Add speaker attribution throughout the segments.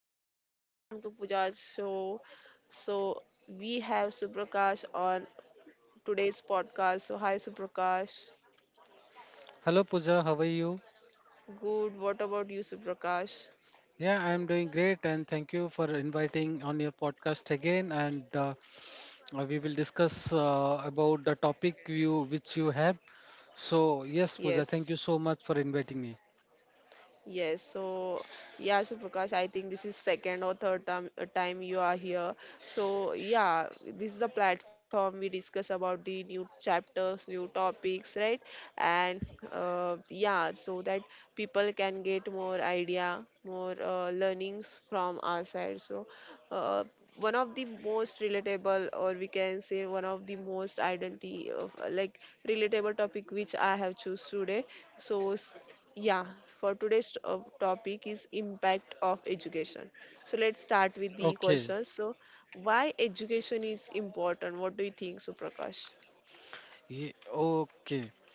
Speaker 1: again and welcome to Pooja's show. So, we have Suprakash on today's podcast. So, hi Suprakash.
Speaker 2: Hello Pooja, how are you?
Speaker 1: Good. What about you, Suprakash?
Speaker 2: Yeah, I'm doing great and thank you for inviting on your podcast again and we will discuss about the topic you which you have. So, yes
Speaker 1: Yes.
Speaker 2: Pooja, thank you so much for inviting me.
Speaker 1: Yes, so yeah, so Prakash, I think this is second or third time, time you are here. So yeah, this is the platform we discuss about the new chapters, new topics, right? And yeah, so that people can get more idea, more learnings from our side. So uh, one of the most relatable, or we can say one of the most identity of like relatable topic which I have choose today. So yeah, for today's topic is impact of education. So let's start with the
Speaker 2: Okay.
Speaker 1: questions. So why education is important? What do you think, Suprakash?
Speaker 2: Okay.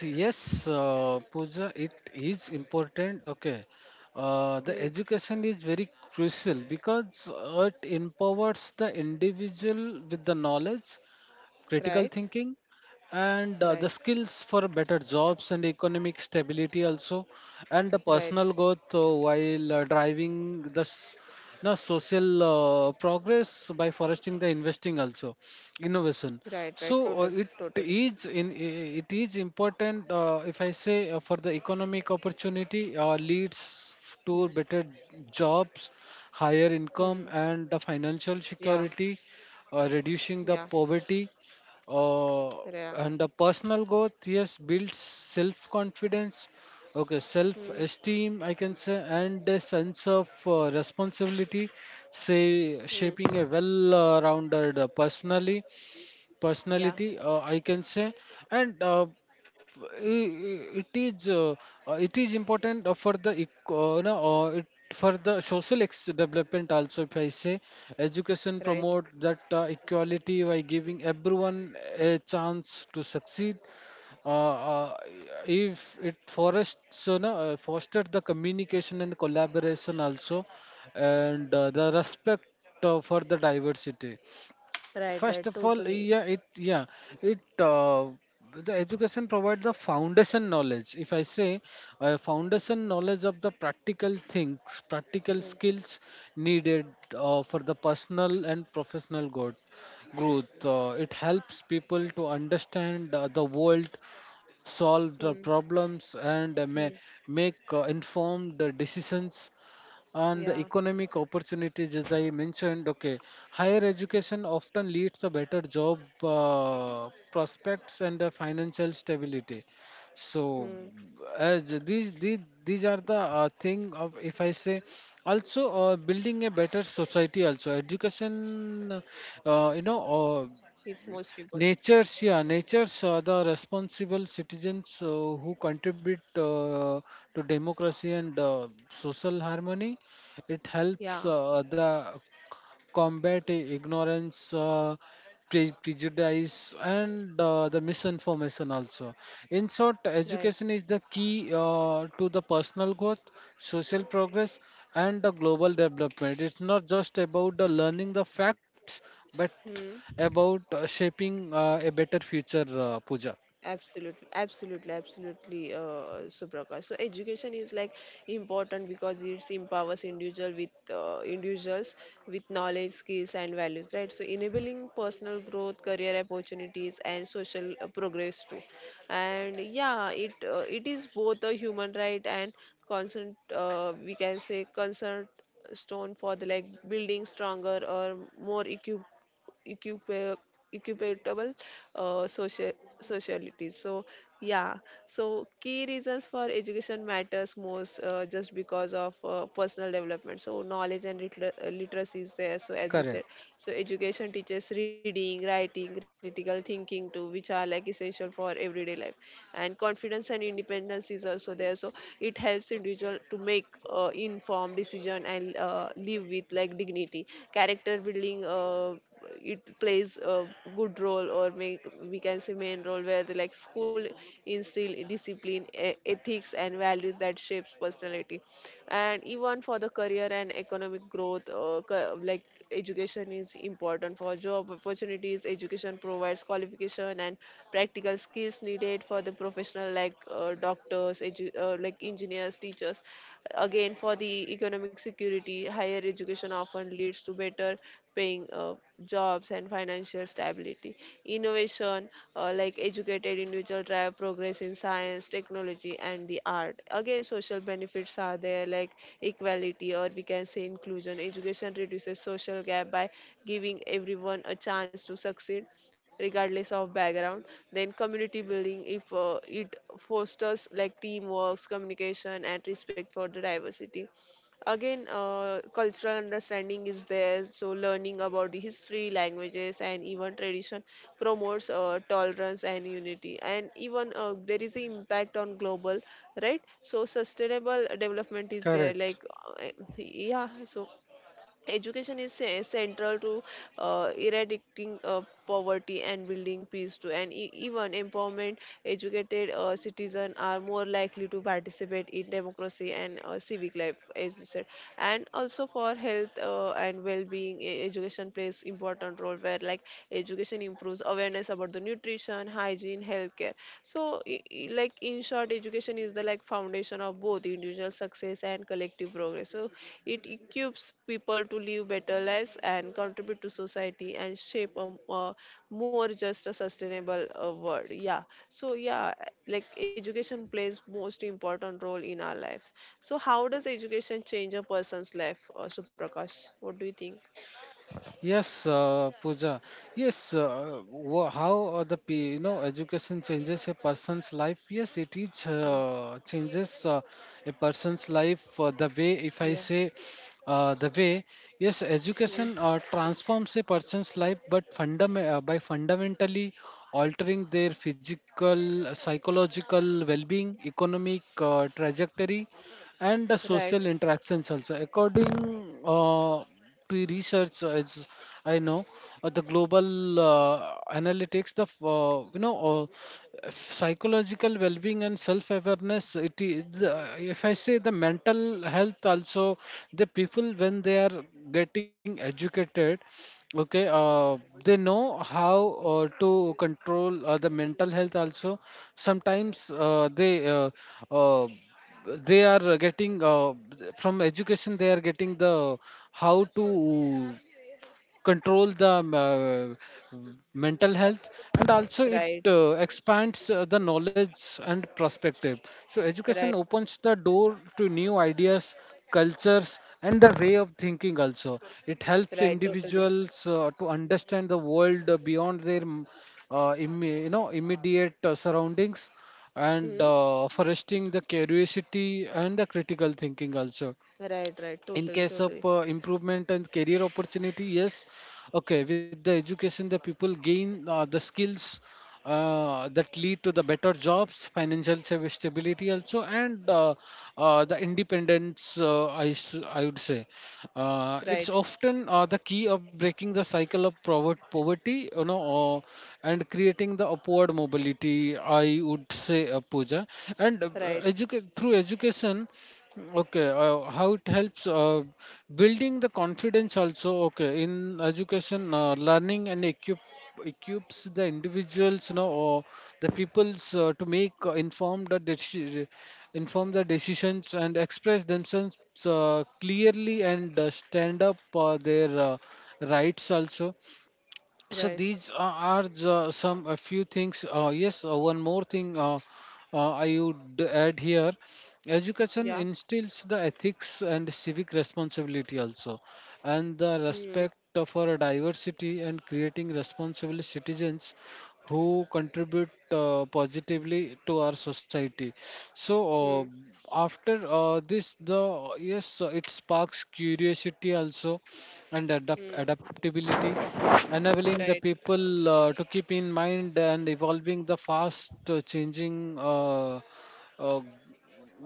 Speaker 2: See, yes, Pooja, it is important. Okay.
Speaker 1: Hmm.
Speaker 2: The education is very crucial because it empowers the individual with the knowledge,
Speaker 1: Right,
Speaker 2: critical thinking and
Speaker 1: right,
Speaker 2: the skills for better jobs and economic stability also, and the
Speaker 1: right,
Speaker 2: personal growth while driving the you know, social progress by fostering the investing also,
Speaker 1: right,
Speaker 2: innovation.
Speaker 1: right. Total,
Speaker 2: So it
Speaker 1: totally.
Speaker 2: is it is important if I say for the economic opportunity, leads
Speaker 1: Hmm.
Speaker 2: to better jobs, higher
Speaker 1: Hmm.
Speaker 2: income and the financial
Speaker 1: Yeah,
Speaker 2: security,
Speaker 1: yeah,
Speaker 2: reducing the poverty, uh,
Speaker 1: yeah.
Speaker 2: and the personal growth, yes, builds self confidence, okay,
Speaker 1: Hmm.
Speaker 2: self esteem I can say, and a sense of responsibility,
Speaker 1: Hmm.
Speaker 2: say, shaping a well rounded personally,
Speaker 1: Yeah.
Speaker 2: personality I can say. And i- i- it is uh, it is important for the ec- no, it, for the social development also, if I say, education
Speaker 1: Right,
Speaker 2: promote that equality by giving everyone a chance to succeed. uh, uh, if it forests no, foster the communication and collaboration also, and the respect for the diversity.
Speaker 1: right, right.
Speaker 2: First of all,
Speaker 1: Totally.
Speaker 2: yeah, it the education provides the foundation knowledge. If I say foundation knowledge of the practical things, practical
Speaker 1: Hmm.
Speaker 2: skills needed for the personal and professional growth. It helps people to understand the world, solve the
Speaker 1: Hmm.
Speaker 2: problems, and
Speaker 1: Hmm.
Speaker 2: make informed decisions, and
Speaker 1: Yeah.
Speaker 2: the economic opportunities as I mentioned. Okay, higher education often leads to better job prospects and financial stability. So
Speaker 1: Hmm.
Speaker 2: as these these, these are the thing of, if I say, also building a better society also, education uh, you know
Speaker 1: Is
Speaker 2: uh,
Speaker 1: most important.
Speaker 2: nature's, yeah, nature's are the responsible citizens who contribute to democracy and social harmony. It
Speaker 1: Yeah.
Speaker 2: helps the combat ignorance, prejudice, and the misinformation also. In short,
Speaker 1: Right.
Speaker 2: education is the key to the personal growth, social progress, and the global development. It's not just about the learning the facts, but
Speaker 1: Hmm.
Speaker 2: about shaping a better future, Pooja.
Speaker 1: Absolutely, absolutely, absolutely, Subraka. So education is like important because it empowers individual with individuals with knowledge, skills, and values, right? So enabling personal growth, career opportunities, and social progress too. And yeah, it is both a human right and concern. We can say concern stone for the like building stronger or more equipped equipa- equitable social socialities. So yeah, so key reasons for education matters most just because of personal development. So knowledge and literacy is
Speaker 2: Correct,
Speaker 1: there, so as you said. So education teaches reading, writing, critical thinking too, which are like essential for everyday life. And confidence and independence is also there, so it helps individual to make informed decision and live with like dignity. Character building, it plays a good role, or make, we can say, main role where the like school instill discipline, ethics and values that shapes personality. And even for the career and economic growth, like education is important for job opportunities. Education provides qualification and practical skills needed for the professional, like doctors, like engineers, engineers, teachers. Again, for the economic security, higher education often leads to better paying jobs and financial stability. Innovation, like educated individual drive progress in science, technology, and the art. Again, social benefits are there, like equality, or we can say inclusion. Education reduces social gap by giving everyone a chance to succeed regardless of background. Then community building, if it fosters like teamwork, communication, and respect for the diversity. Again, cultural understanding is there, so learning about the history, languages, and even tradition promotes tolerance and unity. And even there is an impact on global, right? So sustainable development is there, like
Speaker 2: correct.
Speaker 1: uh, yeah, so education is central to eradicating poverty and building peace too. And even empowerment, educated citizens are more likely to participate in democracy and civic life, as you said. And also for health and well-being, education plays important role where like education improves awareness about the nutrition, hygiene, healthcare. So like in short, education is the like foundation of both individual success and collective progress. So it equips people to live better lives and contribute to society and shape a more just a sustainable world. Yeah, so yeah, like education plays most important role in our lives. So how does education change a person's life, Suprakash? What do you think?
Speaker 2: Yes, Pooja. Yes, how you know, education changes a person's life? Yes, it is
Speaker 1: Hmm.
Speaker 2: changes a person's life. The way, if I
Speaker 1: Yeah.
Speaker 2: say, the way, yes, education
Speaker 1: Hmm.
Speaker 2: transforms a person's life, but by fundamentally altering their physical, psychological well-being, economic trajectory and the
Speaker 1: Right,
Speaker 2: social interactions also. According to research, as I know, the global analytics, you know, psychological well-being and self-awareness. It is if I say the mental health also, the people when they are getting educated, okay, they know how to control the mental health also. Sometimes uh, they are getting from education, they are getting the how to control the mental health. And also it
Speaker 1: right,
Speaker 2: expands the knowledge and perspective. So education
Speaker 1: right,
Speaker 2: opens the door to new ideas, cultures and the way of thinking also. It helps
Speaker 1: right, totally.
Speaker 2: individuals to understand the world beyond their you know, immediate surroundings and
Speaker 1: Hmm.
Speaker 2: fostering the curiosity and the critical thinking also.
Speaker 1: Right, right,
Speaker 2: In
Speaker 1: totally,
Speaker 2: case of
Speaker 1: totally.
Speaker 2: improvement and career opportunity, yes, okay, with the education, the people gain the skills that lead to the better jobs, financial stability also, and the independence I would say it's
Speaker 1: Right,
Speaker 2: often the key of breaking the cycle of poverty, you know, and creating the upward mobility, I would say, puja and
Speaker 1: right,
Speaker 2: through education, okay, how it helps building the confidence also. Okay, in education, learning and equips the individuals, you know, or the peoples to make inform the decisions and express themselves clearly and stand up for their rights also. So
Speaker 1: right.
Speaker 2: these are some a few things. Yes, one more thing I would add here:
Speaker 1: Yeah.
Speaker 2: education instills the ethics and civic responsibility also, and the
Speaker 1: Hmm,
Speaker 2: respect for diversity, and creating responsible citizens who contribute positively to our society. So
Speaker 1: hmm,
Speaker 2: uh, after this, the yes, it sparks curiosity also, and
Speaker 1: hmm.
Speaker 2: adaptability, enabling the
Speaker 1: Right.
Speaker 2: people to keep in mind and evolving the fast changing uh,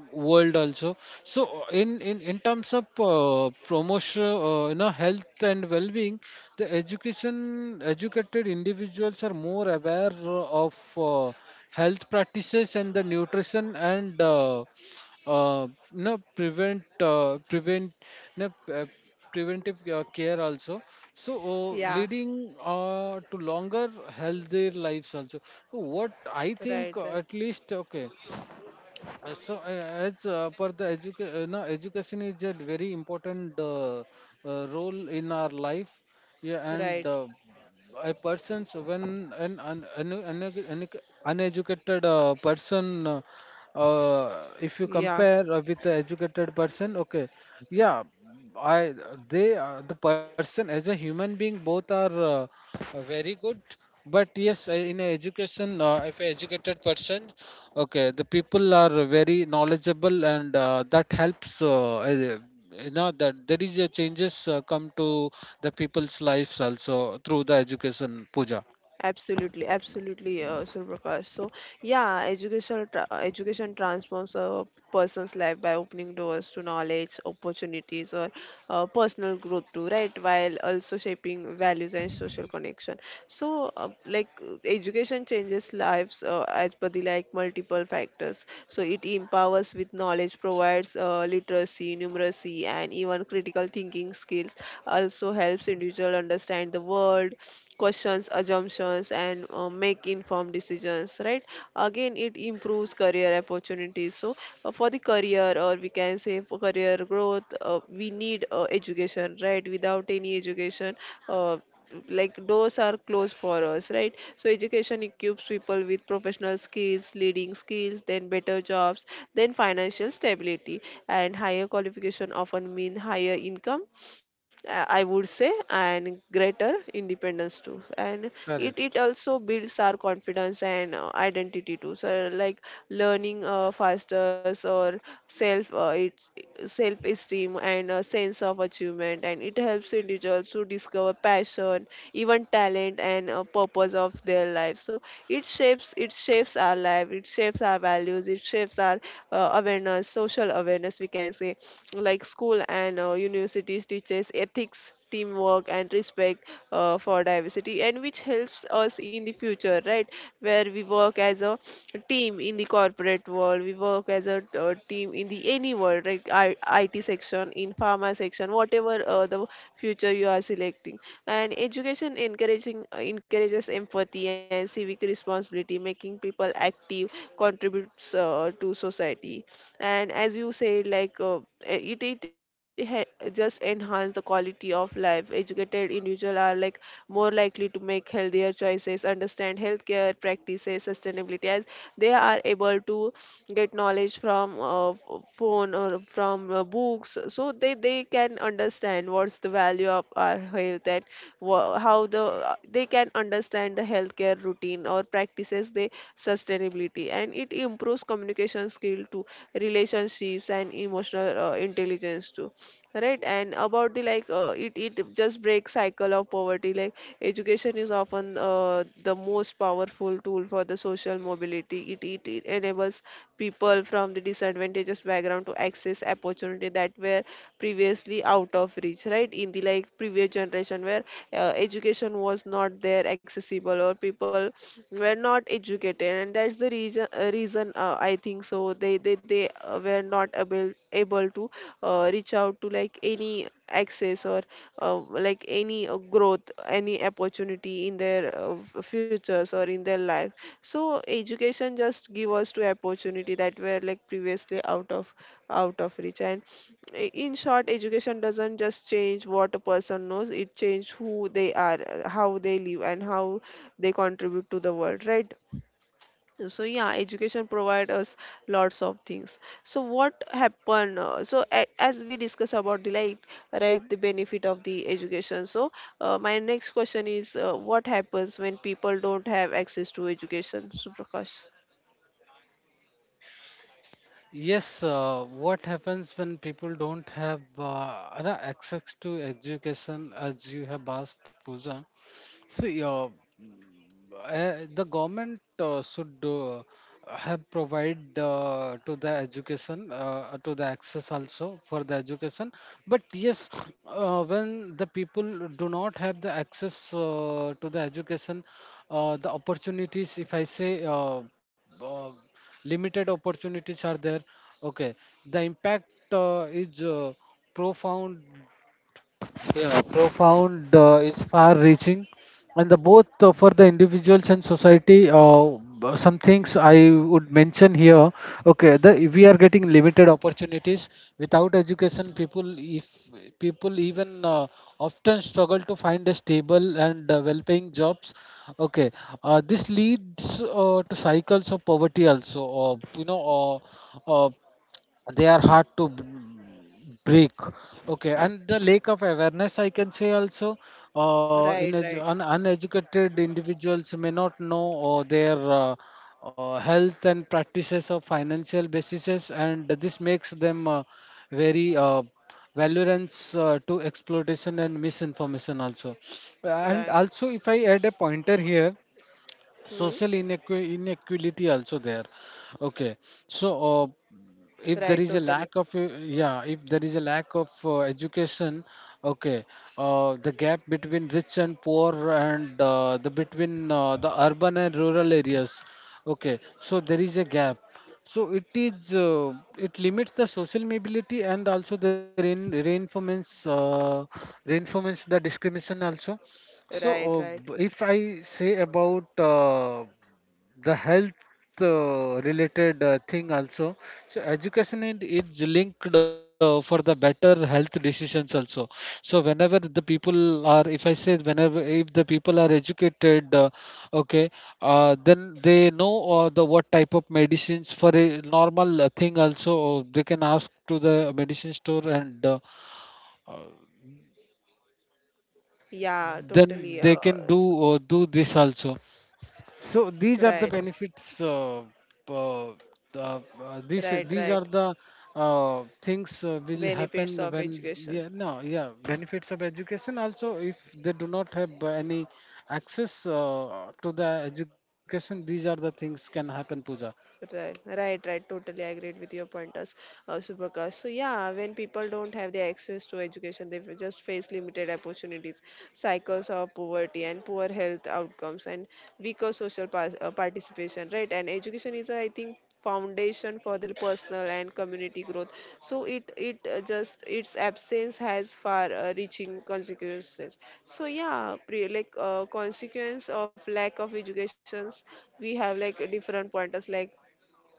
Speaker 2: world also. So in terms of promotion, you know, health and well-being, the education, educated individuals are more aware of health practices and the nutrition, and you know, prevent prevent you know, preventive care also. So
Speaker 1: Yeah.
Speaker 2: leading to longer, healthier lives also. So what I
Speaker 1: Right,
Speaker 2: think
Speaker 1: right,
Speaker 2: at least, okay, so, as per the educa- no, education is a very important role in our life. Yeah,
Speaker 1: right.
Speaker 2: and a person's, when an uneducated person,
Speaker 1: Yeah.
Speaker 2: if you compare with the educated person, okay, yeah, I they, the person as a human being, both are very good. But yes, in a education, if a educated person, okay, the people are very knowledgeable and that helps you know, that there is a changes come to the people's lives also through the education, puja
Speaker 1: Absolutely, absolutely, Surprakash. So yeah, education transforms a person's life by opening doors to knowledge, opportunities, or personal growth too, right? While also shaping values and social connection. So, like education changes lives as per the like multiple factors. So it empowers with knowledge, provides literacy, numeracy, and even critical thinking skills. Also helps individual understand the world, questions assumptions, and make informed decisions, right? Again, it improves career opportunities. So for the career, or we can say for career growth, we need education, right? Without any education, uh, like doors are closed for us, right? So education equips people with professional skills, leading skills, then better jobs, then financial stability. And higher qualification often mean higher income, I would say, and greater independence too. And it
Speaker 2: Correct.
Speaker 1: also builds our confidence and identity too. So like learning faster or self, it self esteem and a sense of achievement. And it helps individuals to discover passion, even talent, and purpose of their life. So it shapes our life, it shapes our values, it shapes our awareness, social awareness we can say. Like school and universities teaches ethics, teamwork, and respect for diversity, and which helps us in the future, right? Where we work as a team in the corporate world, we work as a team in the any world, right? It section, in pharma section, whatever the future you are selecting. And education encouraging encourages empathy and civic responsibility, making people active contributes to society. And as you said, like it just enhance the quality of life. Educated individuals are like more likely to make healthier choices, understand healthcare practices, sustainability, as they are able to get knowledge from phone or from books. So they can understand what's the value of our health, and how the they can understand the healthcare routine or practices, they sustainability. And it improves communication skill too, relationships, and emotional intelligence too, right? And about the like, it it just breaks cycle of poverty. Like education is often the most powerful tool for the social mobility. It enables people from the disadvantageous background to access opportunity that were previously out of reach, right? In the like previous generation where education was not there accessible or people were not educated, and that's the reason, I think so they were not able to reach out to like any access or like any growth, any opportunity in their futures or in their life. So education just give us to opportunity that were like previously out of reach. And in short, education doesn't just change what a person knows, it changes who they are, how they live, and how they contribute to the world, right? So yeah, education provide us lots of things. So what happen, so as we discuss about the light, right, the benefit of the education. So my next question is, what happens when people don't have access to education, Suprakash?
Speaker 2: Yes, what happens when people don't have you know, access to education, as you have asked, Pooja? See, the government should have provide to the education, to the access also for the education. But yes, when the people do not have the access to the education, the opportunities, if I say, uh, limited opportunities are there, okay. The impact is profound, yeah, profound, is far-reaching, and the both for the individuals and society. Some things I would mention here. Okay, the we are getting limited opportunities without education. People, if People even often struggle to find a stable and well-paying jobs. Okay, this leads to cycles of poverty also. You know, uh, uh, they are hard to break, okay. And the lack of awareness I can say also,
Speaker 1: Right, right,
Speaker 2: uneducated individuals may not know their health and practices of financial basis, and this makes them very valorance to exploitation and misinformation also.
Speaker 1: right.
Speaker 2: And also, if I add a pointer here,
Speaker 1: Hmm?
Speaker 2: social inequality also there, okay. So uh, if there
Speaker 1: Right,
Speaker 2: is a
Speaker 1: totally.
Speaker 2: lack of yeah, if there is a lack of education, okay, the gap between rich and poor, and the between the urban and rural areas, okay, so there is a gap. So it is it limits the social mobility, and also reinforcements reinforcements the discrimination also. So,
Speaker 1: Right, right.
Speaker 2: if I say about the health related thing also, so education, it is linked for the better health decisions also. So, whenever the people are, if I say, whenever if the people are educated, okay, then they know the what type of medicines for a normal thing also, they can ask to the medicine store, and
Speaker 1: Yeah,
Speaker 2: then
Speaker 1: totally,
Speaker 2: they can do
Speaker 1: s-
Speaker 2: do this also. So these are the
Speaker 1: right,
Speaker 2: benefits. Uh, uh, uh, these
Speaker 1: right,
Speaker 2: these
Speaker 1: right.
Speaker 2: are the things will
Speaker 1: Benefits
Speaker 2: happen
Speaker 1: of
Speaker 2: when,
Speaker 1: education.
Speaker 2: yeah, no, yeah, benefits of education. Also, if they do not have any access to the education, these are the things can happen, Puja,
Speaker 1: Right, right, right. Totally agreed with your pointers, Suprakash. So yeah, when people don't have the access to education, they just face limited opportunities, cycles of poverty, and poor health outcomes, and weaker social participation. Right, and education is, I think, foundation for the personal and community growth. So it just its absence has far-reaching consequences. So yeah, like consequence of lack of educations, we have like different pointers, like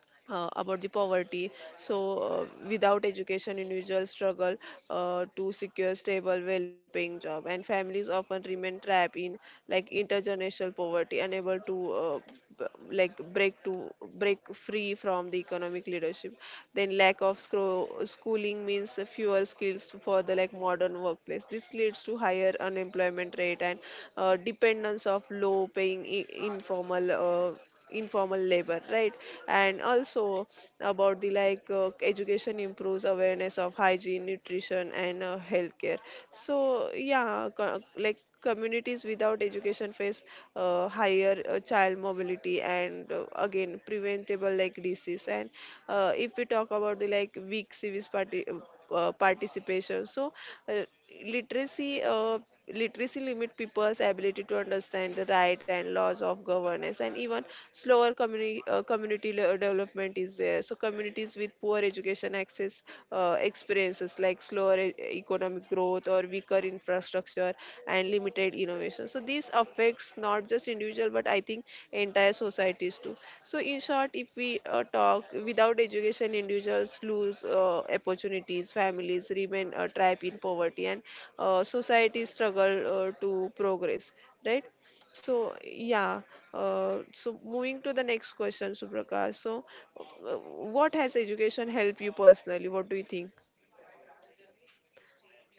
Speaker 1: about the poverty. So, without education, individuals struggle to secure stable, well-paying job, and families often remain trapped in like intergenerational poverty, unable to like break free from the economic leadership. Then, lack of schooling means fewer skills for the like modern workplace. This leads to higher unemployment rate and dependence of low-paying informal. Uh, informal labor, right? And also about the like education improves awareness of hygiene, nutrition, and healthcare. So yeah, like communities without education face higher child mobility and again preventable like disease. And if we talk about the like weak civis participation, so uh, literacy uh, literacy limit people's ability to understand the right and laws of governance. And even slower community development is there. So communities with poor education access experiences like slower economic growth or weaker infrastructure and limited innovation. So this affects not just individual, but I think entire societies too. So in short, if we talk without education, individuals lose opportunities, families remain trapped in poverty, and societies struggle to progress, right? So yeah, so moving to the next question, Suprakash. So, uh, what has education helped you personally? What do you think?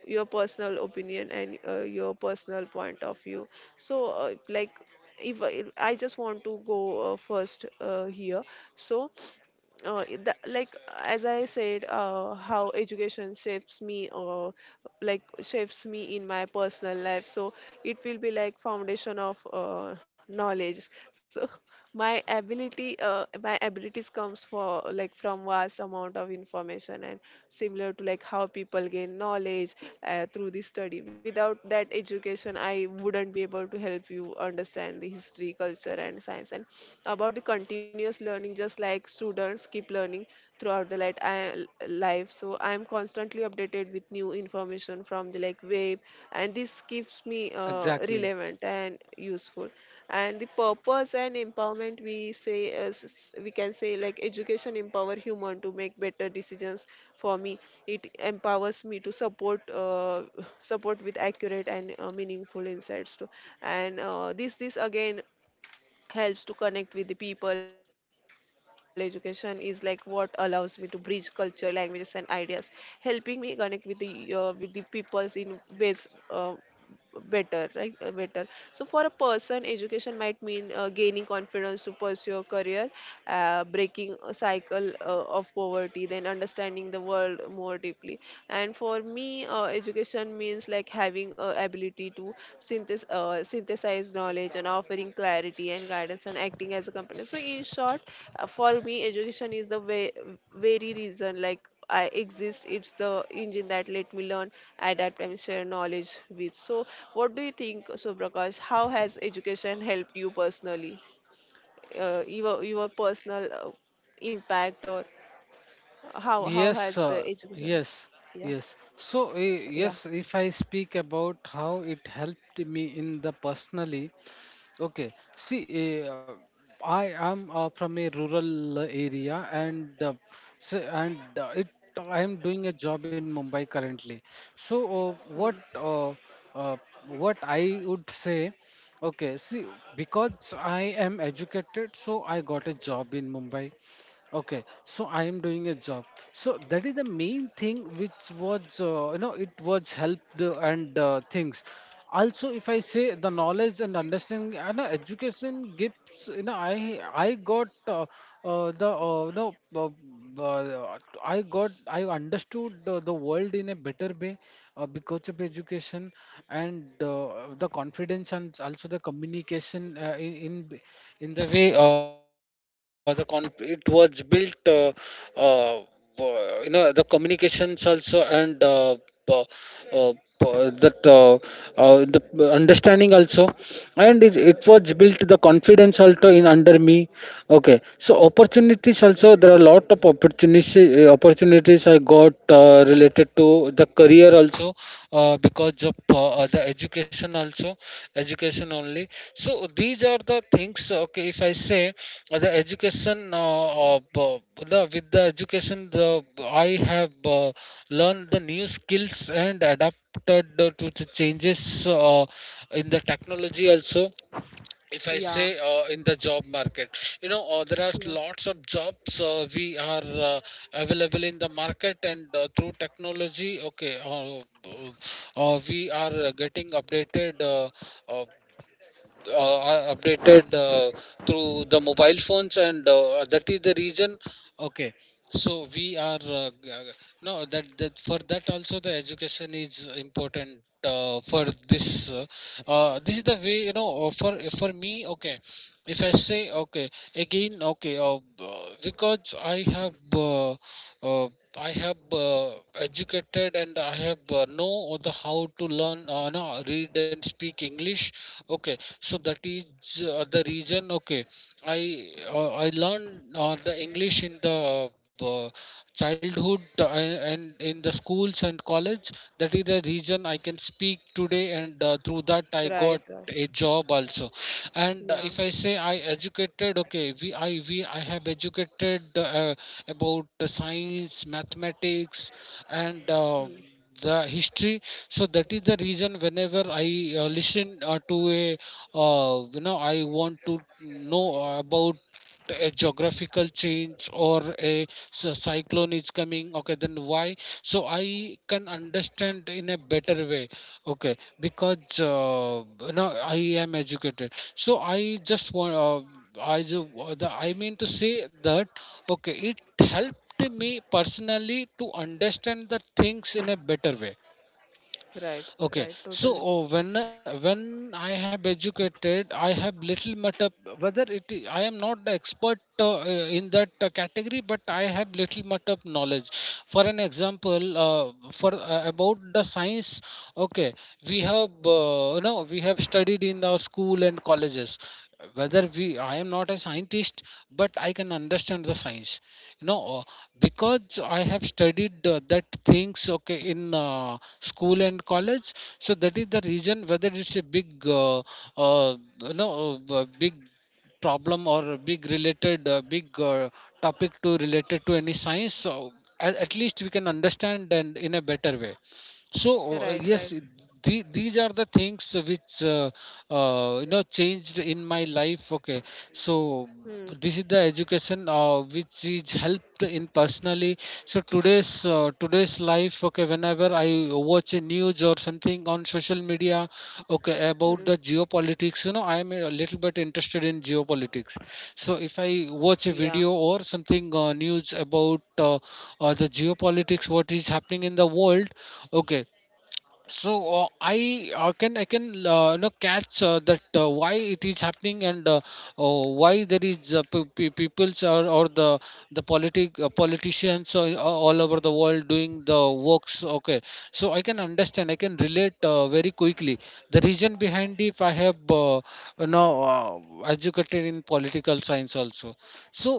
Speaker 1: Your personal opinion and your personal point of view. So, uh, like, if I just want to go first here. So, the, like As I said, how education shapes me, like shapes me in my personal life. So, it will be like foundation of knowledge. So my ability my abilities comes for like from vast amount of information, and similar to like how people gain knowledge through the study. Without that education, I wouldn't be able to help you understand the history, culture, and science, and about the continuous learning, just like students keep learning throughout the life. So I am constantly updated with new information from the like web, and this keeps me
Speaker 2: exactly.
Speaker 1: relevant and useful. And the purpose and empowerment, we say, we can say like education empower human to make better decisions. For me, it empowers me to support support with accurate and meaningful insights too. And this again helps to connect with the people. Education is like what allows me to bridge culture, languages, and ideas, helping me connect with the peoples in ways better, right? Better. So for a person, education might mean gaining confidence to pursue a career, breaking a cycle of poverty, then understanding the world more deeply. And for me, education means like having a ability to synthesize knowledge and offering clarity and guidance and acting as a company. So in short, for me, education is the way, very reason like I exist. It's the engine that let me learn, adapt, and share knowledge with. So, what do you think, Subrakash? How has education helped you personally? Your personal impact, or how
Speaker 2: Yes,
Speaker 1: has the education?
Speaker 2: yes,
Speaker 1: Yeah,
Speaker 2: yes. So,
Speaker 1: yeah.
Speaker 2: yes, if I speak about how it helped me in the personally, okay. See, I am from a rural area, and so, and it I am doing a job in Mumbai currently. So uh,
Speaker 1: Hmm.
Speaker 2: what uh, uh, what I would say, okay. See, because I am educated, so I got a job in Mumbai. Okay, so I am doing a job, so that is the main thing which was, you know, it was helped, and things also. If I say the knowledge and understanding, and no, education gives, you know, I got the you know uh, I understood the world in a better way, because of education. And the confidence, and also the communication in the way it was built. Uh, you know, the communications also, and p- uh, p- that the understanding also. And it was built the confidence also in under me. Okay, so opportunities also, there are a lot of opportunities, opportunities I got related to the career also, because of the education also, education only. So these are the things. Okay, if I say uh, the education uh, uh, b- the, with the education, the I have learned the new skills and adapted to the changes in the technology also. If I
Speaker 1: Yeah,
Speaker 2: say in the job market, you know, there are
Speaker 1: yeah.
Speaker 2: lots of jobs we are available in the market, and through technology. Okay, we are getting updated, uh, are updated through the mobile phones, and that is the reason. Okay, so we are g- no that, for that also the education is important, for this. Uh, this is the way, you know, for me. Okay, if I say, okay, again, okay, because I have uh, I have educated, and I have know the how to learn, no, read and speak English. Okay, so that is the reason. Okay, I learned the English in the uh, childhood, and in the schools and college. That is the reason I can speak today, and through that I got
Speaker 1: Right, right.
Speaker 2: a job also. And if I
Speaker 1: Yeah,
Speaker 2: say I educated, okay, we I have educated about the science, mathematics, and the history. So that is the reason, whenever I listen to a you know, I want to know about a geographical change or a cyclone is coming, okay, then why. So I can understand in a better way, okay, because you know, I am educated, so I just want i ju- I mean to say that, okay, it helped me personally to understand the things in a better way.
Speaker 1: right,
Speaker 2: Okay,
Speaker 1: right.
Speaker 2: so
Speaker 1: Totally.
Speaker 2: when I have educated, I have little matter, whether it is, I am not the expert in that category, but I have little matter of knowledge. For an example, for about the science, okay, we have no, we have studied in our school and colleges. Whether we, I am not a scientist, but I can understand the science. No Because I have studied that things, okay, in school and college. So that is the reason, whether it's a big uh, you know, big problem, or a big related big topic to related to any science, so at least we can understand, and in a better way. So
Speaker 1: Right, right.
Speaker 2: yes, these are the things which you know, changed in my life. Okay, so
Speaker 1: Hmm.
Speaker 2: this is the education which is helped in personally. So today's today's life, okay, whenever I watch a news or something on social media, okay, about
Speaker 1: Hmm.
Speaker 2: the geopolitics, you know, I am a little bit interested in geopolitics. So if I
Speaker 1: Yeah,
Speaker 2: watch a video or something, news about the geopolitics, what is happening in the world, okay, so I can you know, catch that why it is happening, and why there is peoples, or the the politicians all over the world doing the works, okay. So I can understand, I can relate very quickly the reason behind, if I have uh, you know, educated in political science also. So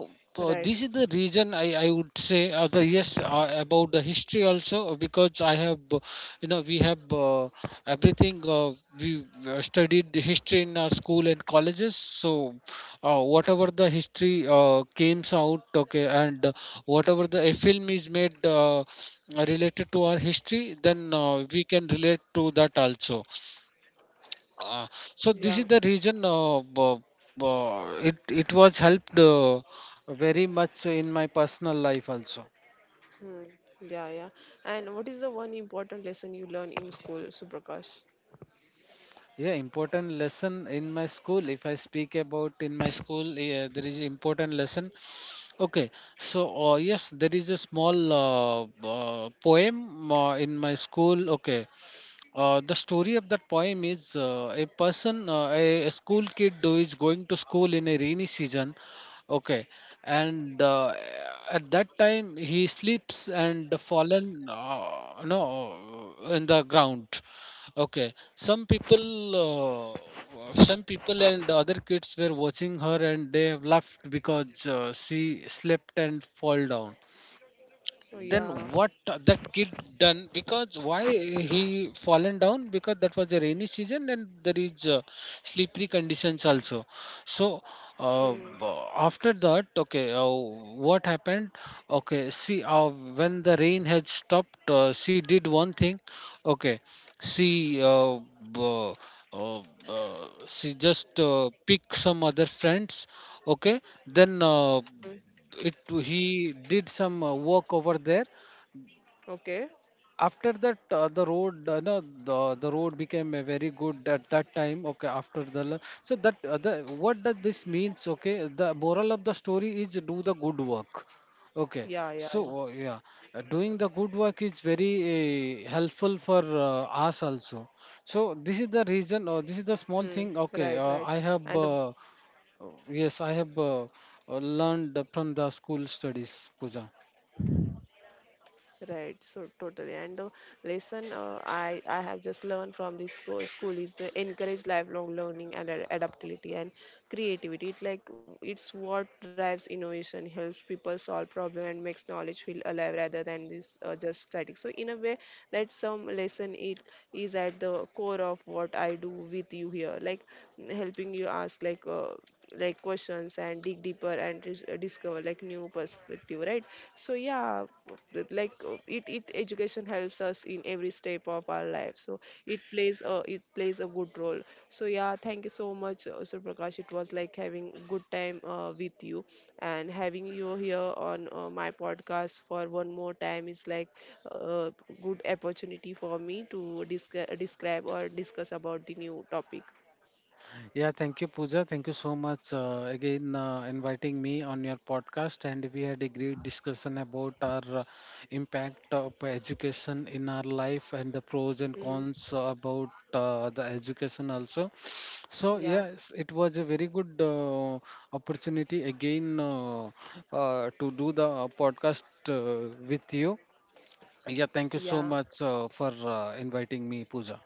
Speaker 1: right.
Speaker 2: this is the reason I would say the yes, about the history also, because I have you know, we have everything we studied the history in our school and colleges. So whatever the history came out, okay, and whatever the a film is made related to our history, then we can relate to that also. uh, so this is
Speaker 1: Yeah.
Speaker 2: the reason it it was helped very much in my personal life also.
Speaker 1: Hmm. Yeah, yeah. And what is the one important lesson you learn in school, Suprakash?
Speaker 2: Yeah, important lesson in my school. If I speak about in my school, yeah, there is important lesson. Okay, so yes, there is a small poem in my school. Okay, the story of that poem is a school kid who is going to school in a rainy season. Okay, and at that time he slips and fallen, no, in the ground. Okay, some people and other kids were watching her, and they have laughed, because she slipped and fall down.
Speaker 1: So
Speaker 2: Then
Speaker 1: yeah.
Speaker 2: what that kid done, because why he fallen down, because that was a rainy season, and there is slippery conditions also. So
Speaker 1: Hmm.
Speaker 2: uh, b- after that, okay, what happened. Okay, see, when the rain had stopped, she did one thing. Okay, she b- uh, she just pick some other friends, okay, then
Speaker 1: Hmm.
Speaker 2: it he did some work over there.
Speaker 1: Okay.
Speaker 2: After that, the road, no, the road became very good at that time, okay, after the so that the what does this means, okay, the moral of the story is do the good work. Okay,
Speaker 1: Yeah,
Speaker 2: so
Speaker 1: yeah, yeah.
Speaker 2: yeah, doing the good work is very helpful for uh, us also. So this is the
Speaker 1: Hmm.
Speaker 2: reason, or
Speaker 1: Right,
Speaker 2: this is the
Speaker 1: right.
Speaker 2: small
Speaker 1: And
Speaker 2: thing,
Speaker 1: the
Speaker 2: okay, I have yes, I have learned from the school studies, Puja.
Speaker 1: right, so totally. And the lesson I have just learned from this school is the encourage lifelong learning and adaptability and creativity. It's like it's what drives innovation, helps people solve problem, and makes knowledge feel alive rather than this just static. So in a way, that some lesson, it is at the core of what I do with you here, like helping you ask like. Like questions and dig deeper and discover like new perspective, right? So yeah, that, like it, it education helps us in every step of our life, so it plays a good role. So yeah, thank you so much, Sir Prakash. It was like having good time with you, and having you here on my podcast for one more time is like a good opportunity for me to describe or discuss about the new topic.
Speaker 2: Yeah, thank you, Pooja. Thank you so much again inviting me on your podcast. And we had a great discussion about our impact of education in our life, and the pros and
Speaker 1: Mm,
Speaker 2: cons about the education also. So
Speaker 1: yeah,
Speaker 2: yes, it was a very good opportunity again to do the podcast with you. Yeah, thank you so
Speaker 1: yeah.
Speaker 2: much for inviting me, Pooja.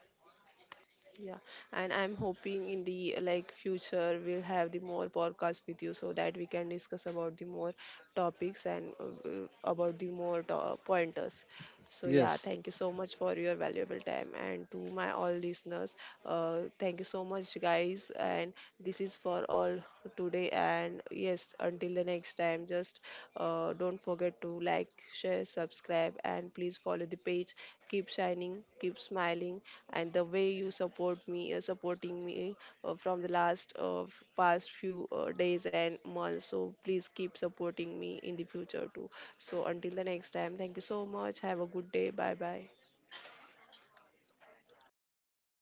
Speaker 1: Yeah, and I'm hoping in the like future we'll have the more podcast with you so that we can discuss about the more topics and about the more pointers. So yeah,
Speaker 2: Yes.
Speaker 1: thank you so much for your valuable time, and to my all listeners, thank you so much guys, and this is for all today. And yes, until the next time, just don't forget to like, share, subscribe, and please follow the page. Keep shining, keep smiling, and the way you support me, supporting me from the last past few days and months. So please keep supporting me in the future too. So until the next time, thank you so much. Have a good day. Bye bye.